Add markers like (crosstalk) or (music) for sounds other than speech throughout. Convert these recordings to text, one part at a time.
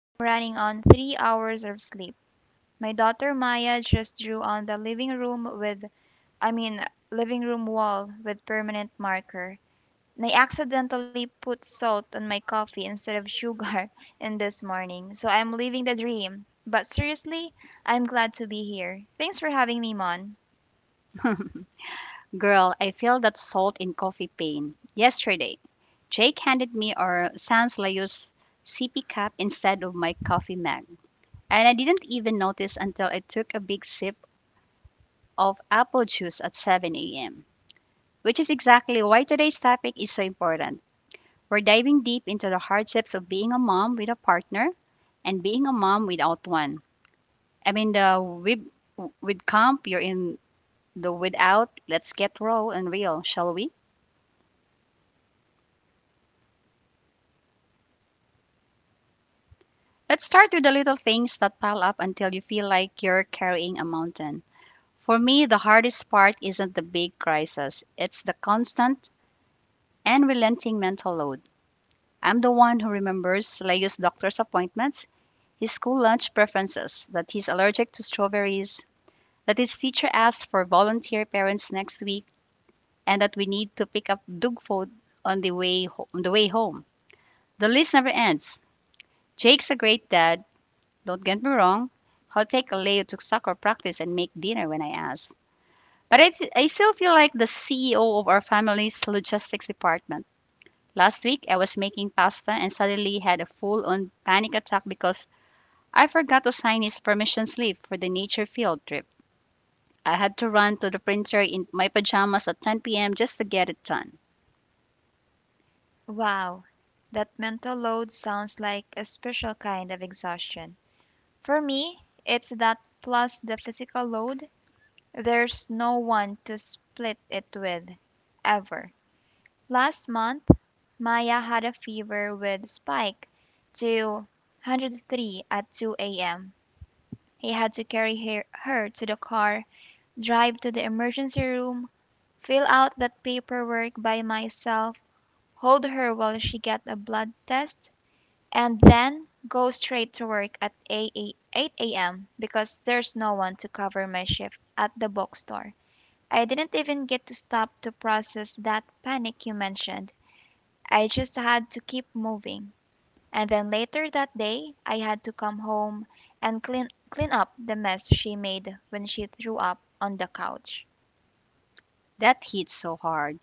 I'm running on 3 hours of sleep. My daughter Maya just drew on the living room I mean, living room wall with permanent marker. And I accidentally put salt on my coffee instead of sugar (laughs) in this morning. So I'm living the dream. But seriously, I'm glad to be here. Thanks for having me, Mon. Girl, I feel that salt in coffee pain. Yesterday, Jake handed me our Sans Layos sippy cup instead of my coffee mug, and I didn't even notice until I took a big sip of apple juice at 7 a.m., which is exactly why today's topic is so important. We're diving deep into the hardships of being a mom with a partner and being a mom without one. I mean, the with camp, you're in the without. Let's get raw and real, shall we? Let's start with the little things that pile up until you feel like you're carrying a mountain. For me, the hardest part isn't the big crisis, it's the constant and relenting mental load. I'm the one who remembers Leo's doctor's appointments, his school lunch preferences, that he's allergic to strawberries, that his teacher asked for volunteer parents next week, and that we need to pick up dog food on the way home. The list never ends. Jake's a great dad, don't get me wrong, I'll take a Leo to soccer practice and make dinner when I ask. But I still feel like the CEO of our family's logistics department. Last week, I was making pasta and suddenly had a full on panic attack because I forgot to sign his permission slip for the nature field trip. I had to run to the printer in my pajamas at 10 p.m. just to get it done. Wow, that mental load sounds like a special kind of exhaustion. For me, it's that plus the physical load. There's no one to split it with, ever. Last month, Maya had a fever with spike to 103 at 2 a.m. He had to carry her to the car, drive to the emergency room, fill out that paperwork by myself, hold her while she got a blood test, and then go straight to work at 8 a.m. because there's no one to cover my shift at the bookstore. I didn't even get to stop to process that panic you mentioned. I just had to keep moving. And then later that day, I had to come home and clean up the mess she made when she threw up on the couch. That hit so hard.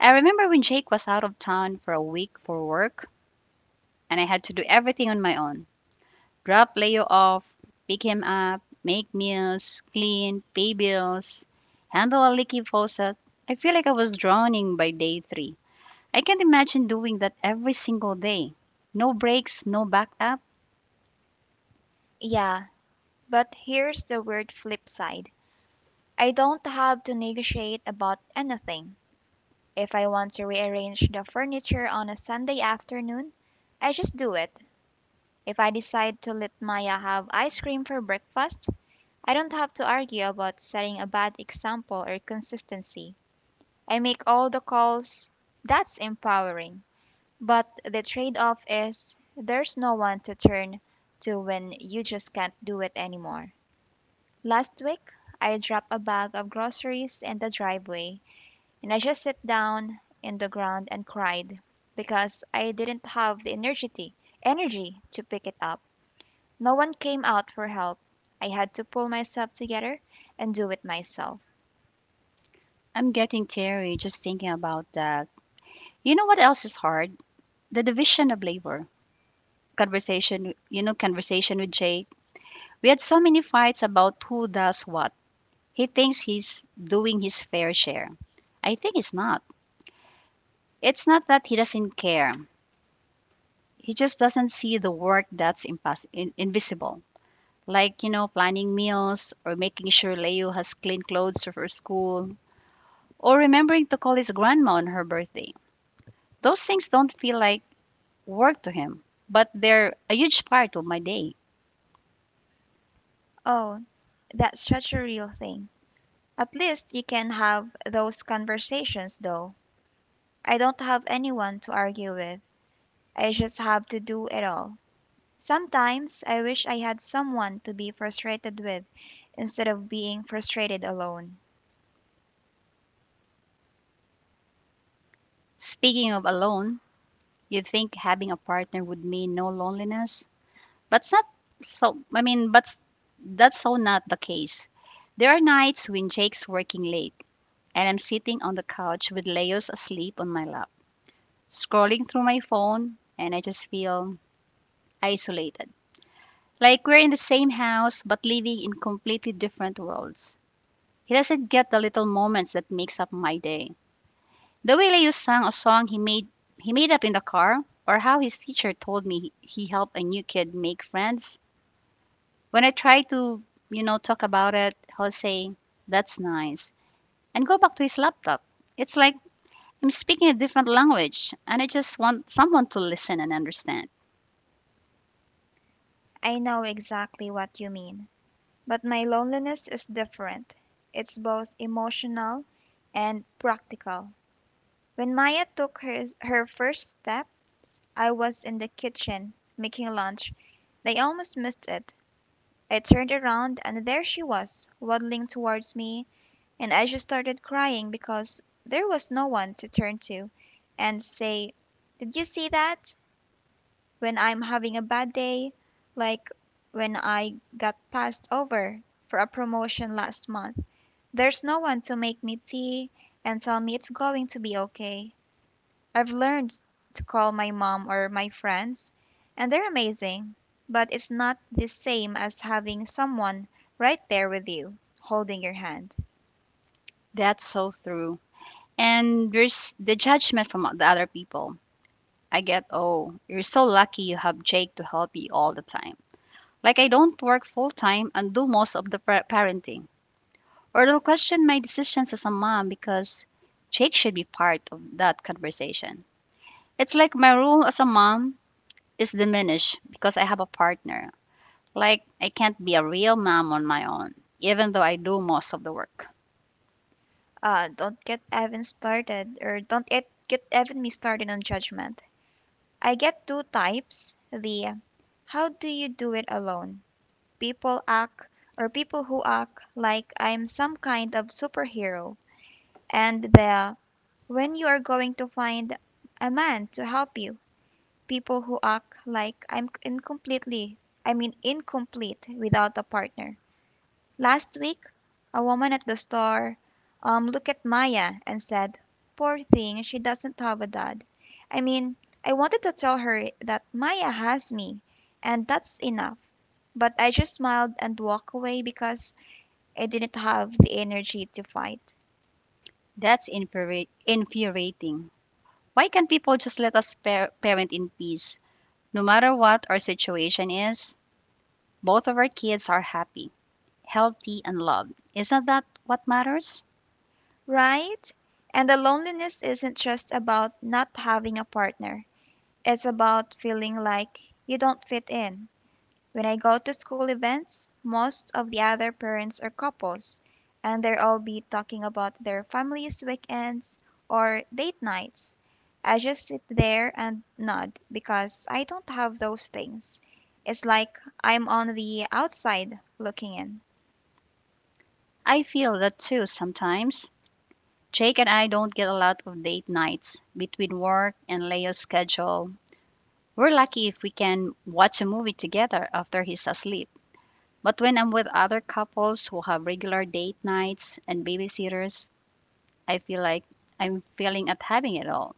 I remember when Jake was out of town for a week for work and I had to do everything on my own. Drop Leo off, pick him up, make meals, clean, pay bills, handle a leaky faucet. I feel like I was drowning by day three. I can't imagine doing that every single day. No breaks, no backup. Yeah, but here's the weird flip side. I don't have to negotiate about anything. If I want to rearrange the furniture on a Sunday afternoon, I just do it. If I decide to let Maya have ice cream for breakfast, I don't have to argue about setting a bad example or consistency. I make all the calls. That's empowering. But the trade off is there's no one to turn to when you just can't do it anymore. Last week, I dropped a bag of groceries in the driveway. And I just sat down in the ground and cried because I didn't have the energy to pick it up. No one came out for help. I had to pull myself together and do it myself. I'm getting teary just thinking about that. You know what else is hard? The division of labor. Conversation with Jake. We had so many fights about who does what. He thinks he's doing his fair share. I think he's not. It's not that he doesn't care. He just doesn't see the work that's invisible. Like, you know, planning meals or making sure Leo has clean clothes for school or remembering to call his grandma on her birthday. Those things don't feel like work to him, but they're a huge part of my day. Oh, that's such a real thing. At least you can have those conversations though. I don't have anyone to argue with. I just have to do it all. Sometimes I wish I had someone to be frustrated with instead of being frustrated alone. Speaking of alone, you'd think having a partner would mean no loneliness, but it's not so, I mean, but that's so not the case. There are nights when Jake's working late and I'm sitting on the couch with Leos asleep on my lap, scrolling through my phone, and I just feel isolated. Like we're in the same house but living in completely different worlds. He doesn't get the little moments that makes up my day. The way Leo sang a song he made up in the car, or how his teacher told me he helped a new kid make friends. When I try to, you know, talk about it, he'll say, "That's nice," and go back to his laptop. It's like I'm speaking a different language and I just want someone to listen and understand. I know exactly what you mean. But my loneliness is different. It's both emotional and practical. When Maya took her first steps, I was in the kitchen making lunch. I almost missed it. I turned around and there she was, waddling towards me, and I just started crying because there was no one to turn to and say, "Did you see that?" When I'm having a bad day, like when I got passed over for a promotion last month. There's no one to make me tea and tell me it's going to be okay. I've learned to call my mom or my friends, and they're amazing, but it's not the same as having someone right there with you, holding your hand. That's so true. And there's the judgment from the other people. I get, "Oh, you're so lucky you have Jake to help you all the time." Like, I don't work full time and do most of the parenting. Or they'll question my decisions as a mom because Jake should be part of that conversation. It's like my role as a mom is diminished because I have a partner. Like, I can't be a real mom on my own, even though I do most of the work. Don't get Evan started, or don't get Evan me started on judgment. I get two types, the "how do you do it alone" people act, or people who act like I'm some kind of superhero, and the "when you are going to find a man to help you" people who act like I'm incompletely, I mean incomplete without a partner. Last week a woman at the store looked at Maya and said, "Poor thing, she doesn't have a dad." I mean, I wanted to tell her that Maya has me, and that's enough, but I just smiled and walked away because I didn't have the energy to fight. Infuriating. Why can't people just let us parent in peace? No matter what our situation is, both of our kids are happy, healthy, and loved. Isn't that what matters? Right? And the loneliness isn't just about not having a partner, it's about feeling like you don't fit in. When I go to school events, most of the other parents are couples, and they'll all be talking about their families' weekends or date nights. I just sit there and nod because I don't have those things. It's like I'm on the outside looking in. I feel that too sometimes. Jake and I don't get a lot of date nights between work and Leo's schedule. We're lucky if we can watch a movie together after he's asleep. But when I'm with other couples who have regular date nights and babysitters, I feel like I'm failing at having it all.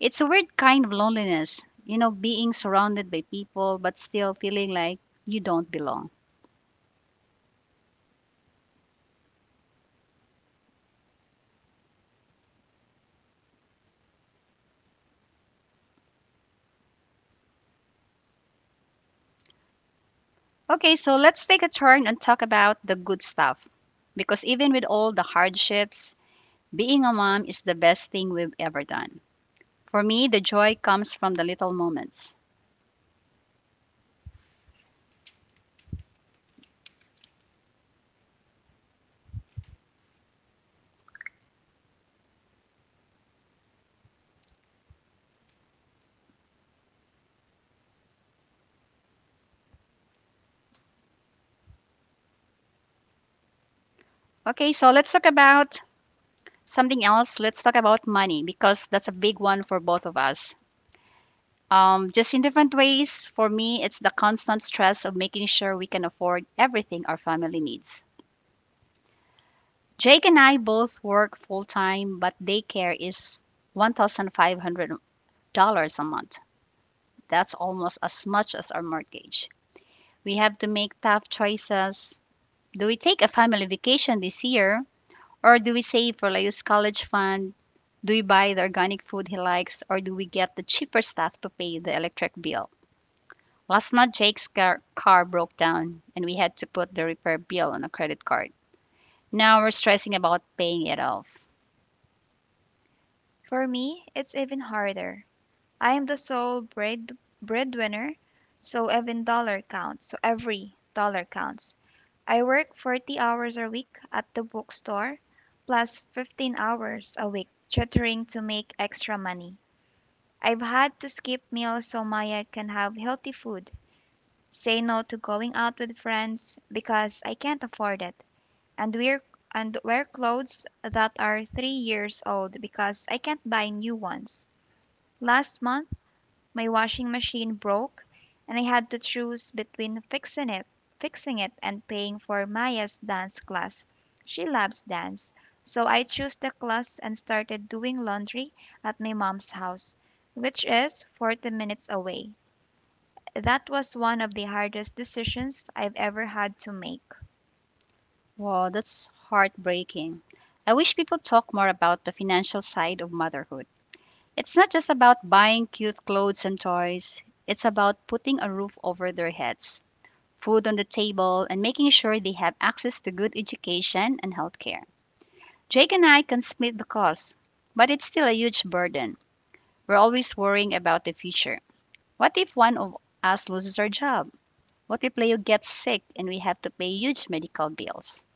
It's a weird kind of loneliness, you know, being surrounded by people but still feeling like you don't belong. Okay, so let's take a turn and talk about the good stuff. Because even with all the hardships, being a mom is the best thing we've ever done. For me, the joy comes from the little moments. Okay, so let's talk about something else, let's talk about money because that's a big one for both of us. Just in different ways, for me, it's the constant stress of making sure we can afford everything our family needs. Jake and I both work full time, but daycare is $1,500 a month. That's almost as much as our mortgage. We have to make tough choices. Do we take a family vacation this year, or do we save for Leo's college fund? Do we buy the organic food he likes or do we get the cheaper stuff to pay the electric bill? Last month, Jake's car broke down and we had to put the repair bill on a credit card. Now we're stressing about paying it off. For me, it's even harder. I am the sole breadwinner, so every dollar counts. I work 40 hours a week at the bookstore, plus 15 hours a week tutoring to make extra money. I've had to skip meals so Maya can have healthy food, say no to going out with friends because I can't afford it, and wear clothes that are 3 years old because I can't buy new ones. Last month, my washing machine broke, and I had to choose between fixing it and paying for Maya's dance class. She loves dance, so I chose the class and started doing laundry at my mom's house, which is 40 minutes away. That was one of the hardest decisions I've ever had to make. Wow, that's heartbreaking. I wish people talk more about the financial side of motherhood. It's not just about buying cute clothes and toys, it's about putting a roof over their heads, food on the table, and making sure they have access to good education and healthcare. Jake and I can split the cost, but it's still a huge burden. We're always worrying about the future. What if one of us loses our job? What if Leo gets sick and we have to pay huge medical bills?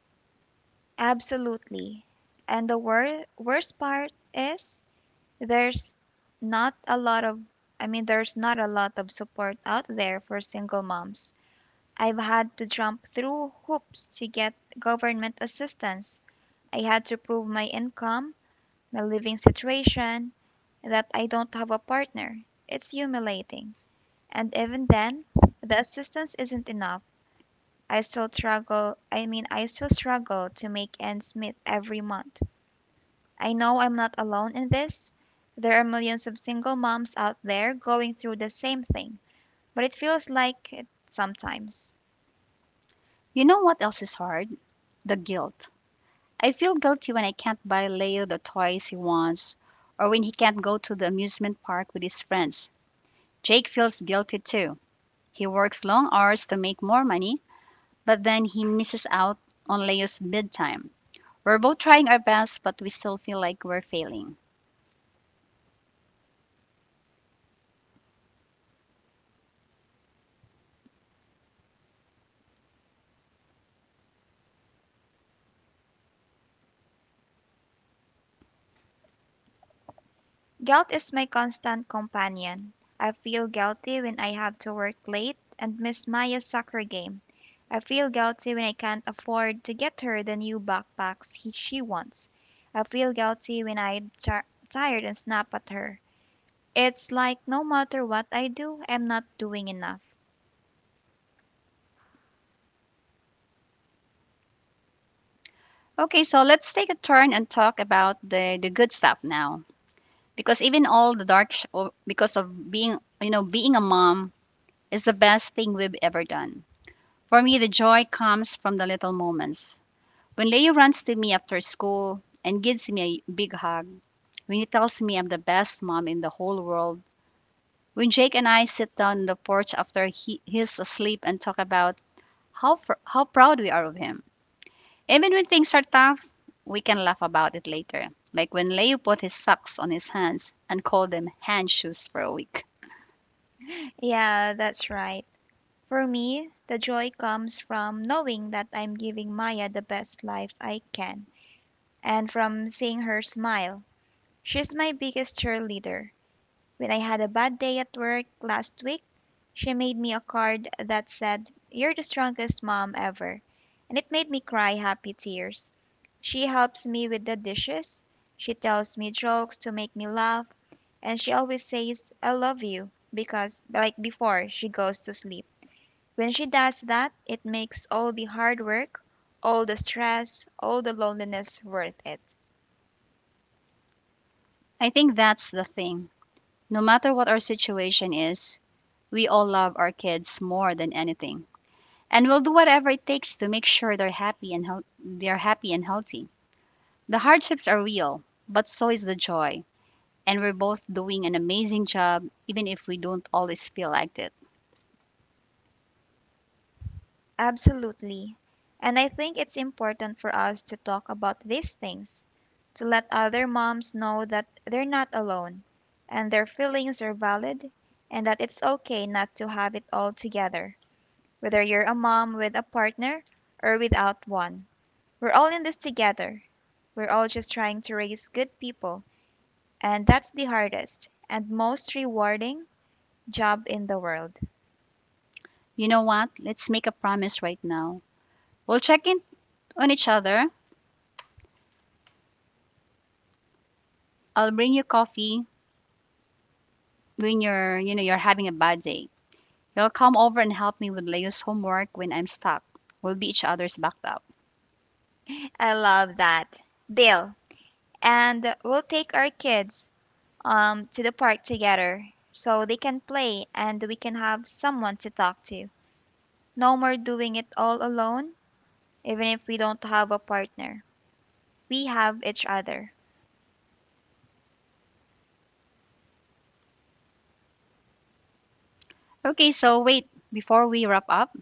Absolutely. And the worst part is there's not a lot of there's not a lot of support out there for single moms. I've had to jump through hoops to get government assistance. I had to prove my income, my living situation, that I don't have a partner. It's humiliating. And even then, the assistance isn't enough. I still struggle to make ends meet every month. I know I'm not alone in this. There are millions of single moms out there going through the same thing, but it feels like it sometimes. You know what else is hard? The guilt. I feel guilty when I can't buy Leo the toys he wants or when he can't go to the amusement park with his friends. Jake feels guilty too. He works long hours to make more money, but then he misses out on Leo's bedtime. We're both trying our best, but we still feel like we're failing. Guilt is my constant companion. I feel guilty when I have to work late and miss Maya's soccer game. I feel guilty when I can't afford to get her the new backpacks she wants. I feel guilty when I'm tired and snap at her. It's like no matter what I do, I'm not doing enough. Okay, so let's take a turn and talk about the good stuff now, because even all the dark sh- or because of being you know being a mom is the best thing we've ever done. For me, the joy comes from the little moments. When Leo runs to me after school and gives me a big hug, when he tells me I'm the best mom in the whole world, when Jake and I sit down on the porch after he's asleep and talk about how proud we are of him. Even when things are tough, we can laugh about it later, like when Leo put his socks on his hands and called them hand shoes for a week. Yeah, that's right. For me, the joy comes from knowing that I'm giving Maya the best life I can and from seeing her smile. She's my biggest cheerleader. When I had a bad day at work last week, she made me a card that said, "You're the strongest mom ever." And it made me cry happy tears. She helps me with the dishes, she tells me jokes to make me laugh, and she always says, "I love you," because, like, before she goes to sleep. When she does that, it makes all the hard work, all the stress, all the loneliness worth it. I think that's the thing. No matter what our situation is, we all love our kids more than anything, and we'll do whatever it takes to make sure they're happy and healthy. The hardships are real, but so is the joy, and we're both doing an amazing job even if we don't always feel like it. Absolutely. And I think it's important for us to talk about these things, to let other moms know that they're not alone and their feelings are valid and that it's okay not to have it all together, whether you're a mom with a partner or without one. We're all in this together. We're all just trying to raise good people. And that's the hardest and most rewarding job in the world. You know what? Let's make a promise right now. We'll check in on each other. I'll bring you coffee when you're having a bad day. You'll come over and help me with Leo's homework when I'm stuck. We'll be each other's backed up. I love that. Deal. And we'll take our kids to the park together so they can play and we can have someone to talk to. No more doing it all alone, even if we don't have a partner. We have each other. Okay, so wait, before we wrap up,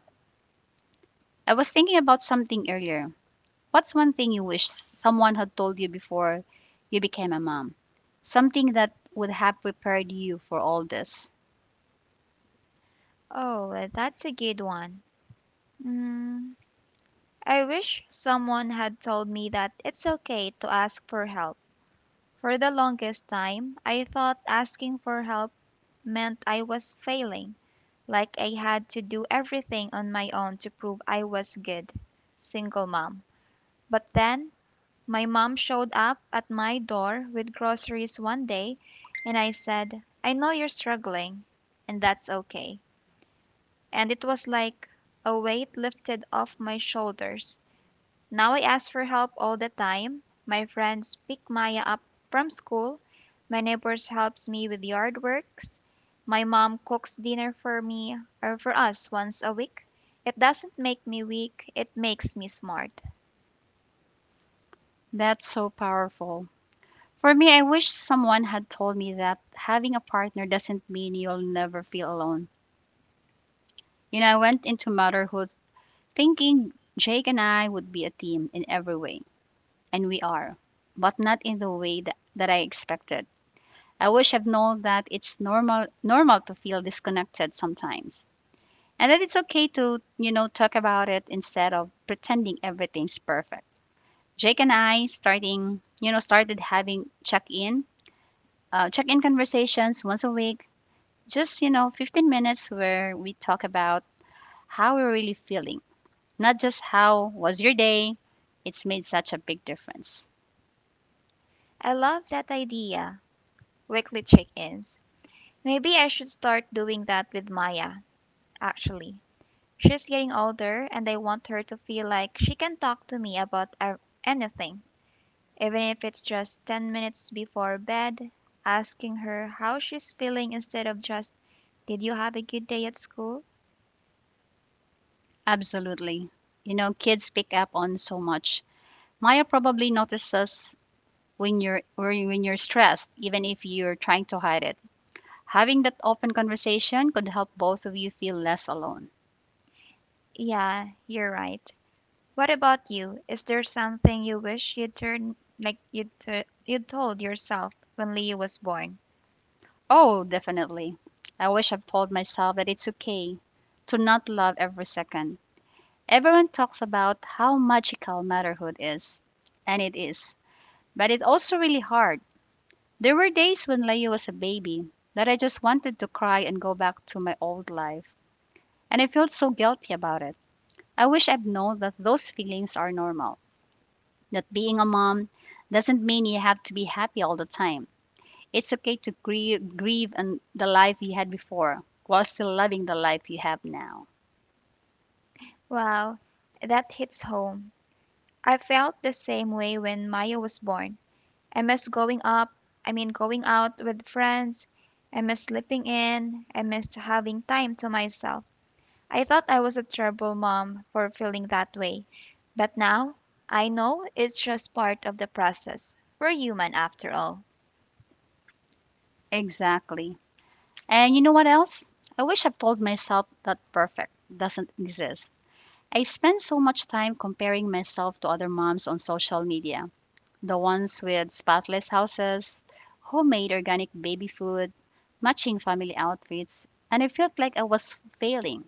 I was thinking about something earlier. What's one thing you wish someone had told you before you became a mom? Something that would have prepared you for all this. Oh, that's a good one. Mm, I wish someone had told me that it's okay to ask for help. For the longest time, I thought asking for help meant I was failing, like I had to do everything on my own to prove I was good single mom. But then, my mom showed up at my door with groceries one day, and I said, "I know you're struggling, and that's okay." And it was like a weight lifted off my shoulders. Now I ask for help all the time. My friends pick Maya up from school. My neighbors helps me with yard works. My mom cooks dinner for me or for us once a week. It doesn't make me weak, it makes me smart. That's so powerful. For me, I wish someone had told me that having a partner doesn't mean you'll never feel alone. You know, I went into motherhood thinking Jake and I would be a team in every way, and we are, but not in the way that I expected. I wish I've known that it's normal to feel disconnected sometimes, and that it's okay to talk about it instead of pretending everything's perfect. Jake and I starting you know started having check in conversations once a week, just 15 minutes where we talk about how we're really feeling, not just how was your day. It's made such a big difference. I love that idea. Weekly check-ins. Maybe I should start doing that with Maya, actually. She's getting older and I want her to feel like she can talk to me about anything. Even if it's just 10 minutes before bed, asking her how she's feeling instead of just, "Did you have a good day at school?" Absolutely. You know, kids pick up on so much. Maya probably notices when you're stressed, even if you're trying to hide it. Having that open conversation could help both of you feel less alone. Yeah, you're right. What about you? Is there something you wish you'd turn like you told yourself when Leo was born? Oh, definitely. I wish I've told myself that it's okay to not love every second. Everyone talks about how magical motherhood is, and it is, but it's also really hard. There were days when Leo was a baby that I just wanted to cry and go back to my old life, and I felt so guilty about it. I wish I'd known that those feelings are normal, that being a mom doesn't mean you have to be happy all the time. It's okay to grieve and the life you had before while still loving the life you have now. Wow, that hits home. I felt the same way when Maya was born. I miss going out with friends. I miss sleeping in. I miss having time to myself. I thought I was a terrible mom for feeling that way, but now I know it's just part of the process. We're human after all. Exactly. And you know what else? I wish I've told myself that perfect doesn't exist. I spend so much time comparing myself to other moms on social media. The ones with spotless houses, homemade organic baby food, matching family outfits, and I felt like I was failing.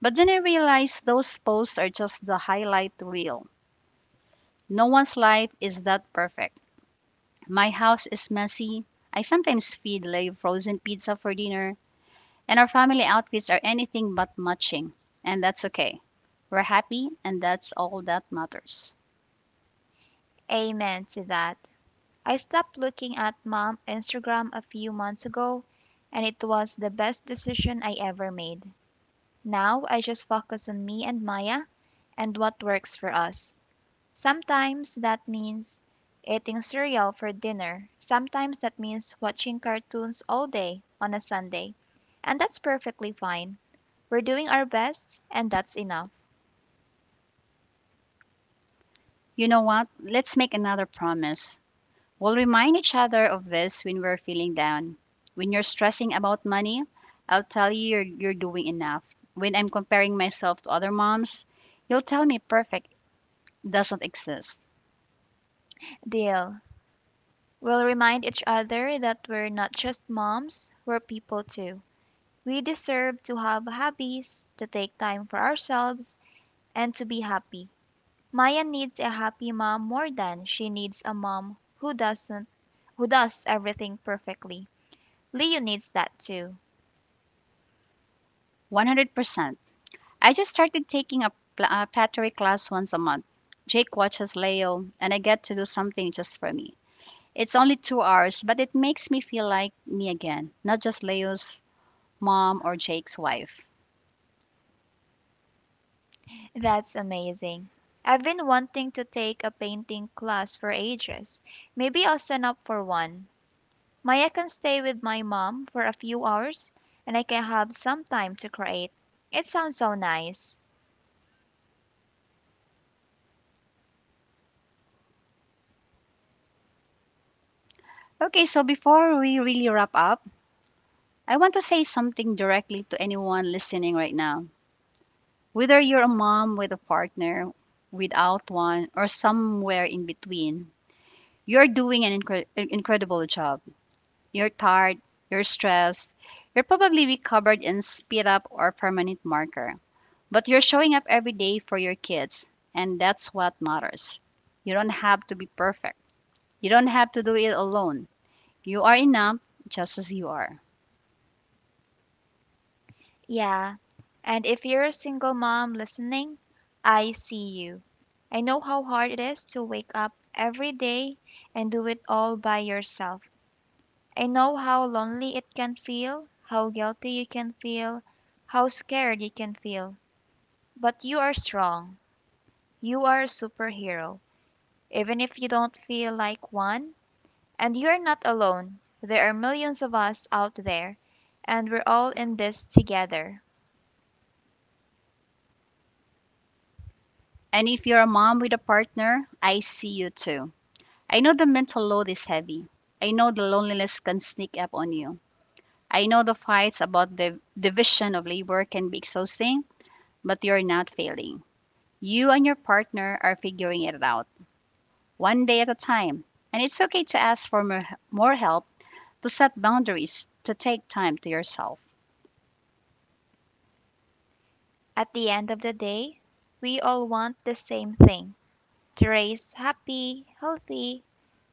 But then I realized those posts are just the highlight reel. No one's life is that perfect. My house is messy. I sometimes feed Leo frozen pizza for dinner, and our family outfits are anything but matching. And that's okay. We're happy, and that's all that matters. Amen to that. I stopped looking at mom Instagram a few months ago, and it was the best decision I ever made. Now I just focus on me and Maya and what works for us. Sometimes that means eating cereal for dinner, sometimes that means watching cartoons all day on a Sunday, and that's perfectly fine. We're doing our best, and that's enough. You know what? Let's make another promise. We'll remind each other of this when we're feeling down. When you're stressing about money, I'll tell you you're doing enough. When I'm comparing myself to other moms, you'll tell me perfect doesn't exist. Deal. We'll remind each other that we're not just moms, we're people too. We deserve to have hobbies, to take time for ourselves, and to be happy. Maya needs a happy mom more than she needs a mom who doesn't who does everything perfectly. Leo needs that too. 100%. I just started taking a pottery class once a month. Jake watches Leo, and I get to do something just for me. It's only 2 hours, but it makes me feel like me again, not just Leo's mom or Jake's wife. That's amazing. I've been wanting to take a painting class for ages. Maybe I'll sign up for one. Maya can stay with my mom for a few hours and I can have some time to create. It sounds so nice. Okay, so before we really wrap up, I want to say something directly to anyone listening right now. Whether you're a mom with a partner, without one, or somewhere in between, you're doing an incredible job. You're tired, you're stressed, you're probably recovered in speed up or permanent marker. But you're showing up every day for your kids, and that's what matters. You don't have to be perfect. You don't have to do it alone. You are enough just as you are. Yeah. And if you're a single mom listening, I see you. I know how hard it is to wake up every day and do it all by yourself. I know how lonely it can feel, how guilty you can feel, how scared you can feel. But you are strong. You are a superhero, even if you don't feel like one. And you're not alone. There are millions of us out there, and we're all in this together. And if you're a mom with a partner, I see you too. I know the mental load is heavy. I know the loneliness can sneak up on you. I know the fights about the division of labor can be exhausting, but you're not failing. You and your partner are figuring it out, one day at a time. And it's okay to ask for more, more help, to set boundaries, to take time to yourself. At the end of the day, we all want the same thing, to raise happy, healthy,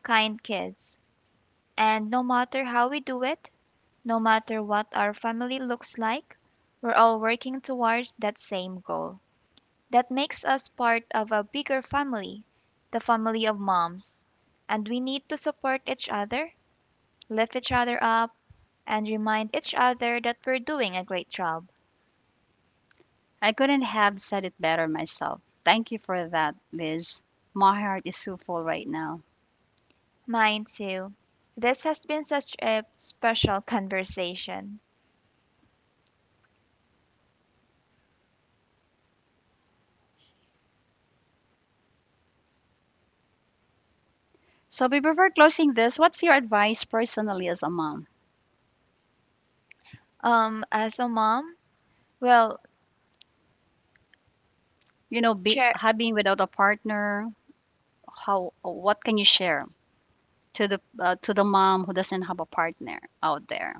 kind kids. And no matter how we do it, no matter what our family looks like, we're all working towards that same goal. That makes us part of a bigger family, the family of moms. And we need to support each other, lift each other up, and remind each other that we're doing a great job. I couldn't have said it better myself. Thank you for that, Liz. My heart is so full right now. Mine too. This has been such a special (laughs) conversation. So, before closing this, what's your advice personally as a mom? As a mom, well, You know, be Chair, having without a partner, how, what can you share to the to the mom who doesn't have a partner out there?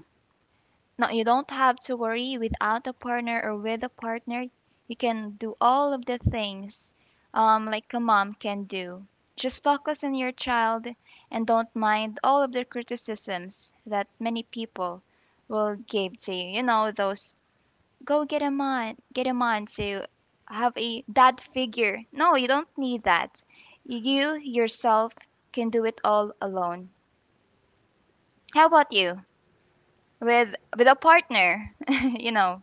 no, you don't have to worry without a partner or with a partner. You can do all of the things like a mom can do. Just focus on your child and don't mind all of the criticisms that many people will give to you. You know, those "go get a man to have a dad figure." No, you don't need that. You yourself can do it all alone. How about you? With a partner, (laughs) you know.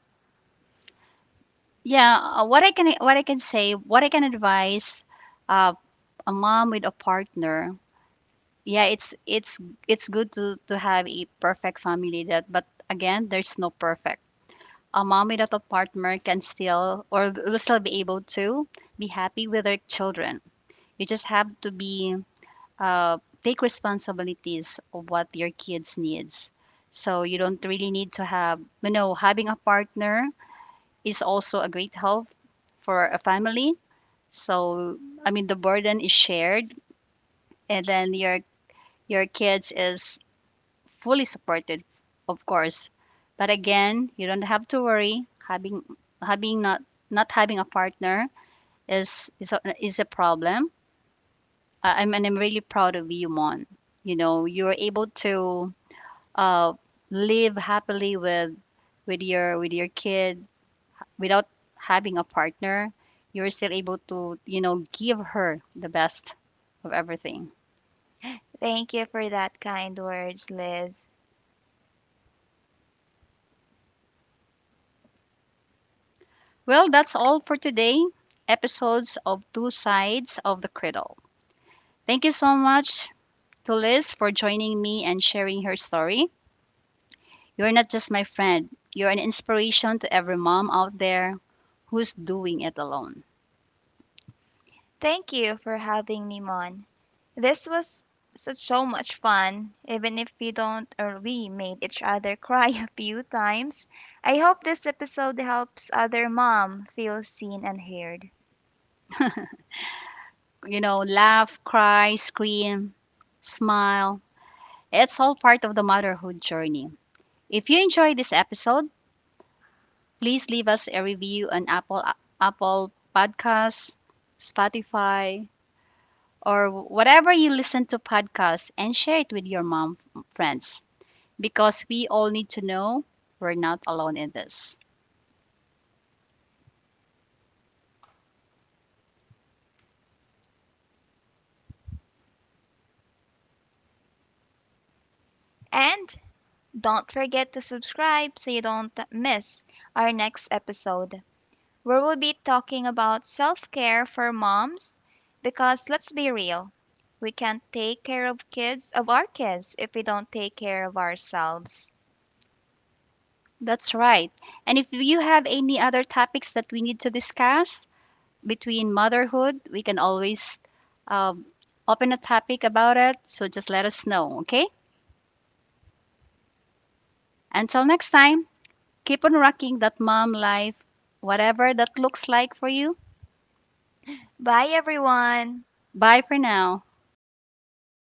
Yeah, what I can say what I can advise, uh, a mom with a partner. Yeah, it's it's good to have a perfect family, that, but again, there's no perfect. A mom without a partner can still, or will still, be able to be happy with their children. You just have to be, uh, take responsibilities of what your kids needs. So you don't really need to have, you know, having a partner is also a great help for a family. So I mean, the burden is shared, and then your kids is fully supported, of course. But again, you don't have to worry having, having not not having a partner is is a problem. I, I'm and I'm really proud of you, Mon. You know, you were able to, uh, live happily with, with your kid, without having a partner. You're still able to, you know, give her the best of everything. Thank you for that kind words, Liz. Well, that's all for today, episodes of Two Sides of the Cradle. Thank you so much to Liz for joining me and sharing her story. You're not just my friend, you're an inspiration to every mom out there who's doing it alone. Thank you for having me, Mon. This was such so much fun, even if we don't or we made each other cry (laughs) a few times. I hope this episode helps other mom feel seen and heard. You know, laugh, cry, scream, smile. It's all part of the motherhood journey. If you enjoyed this episode, please leave us a review on Apple Podcasts, Spotify, or whatever you listen to podcasts, and share it with your mom friends, because we all need to know we're not alone in this. And don't forget to subscribe so you don't miss our next episode, where we'll be talking about self care for moms. Because let's be real, we can't take care of our kids, if we don't take care of ourselves. That's right. And if you have any other topics that we need to discuss between motherhood, we can always, um, open a topic about it. So just let us know, okay? Until next time. Keep on rocking that mom life, whatever that looks like for you. Bye, everyone. Bye for now. Bye bye.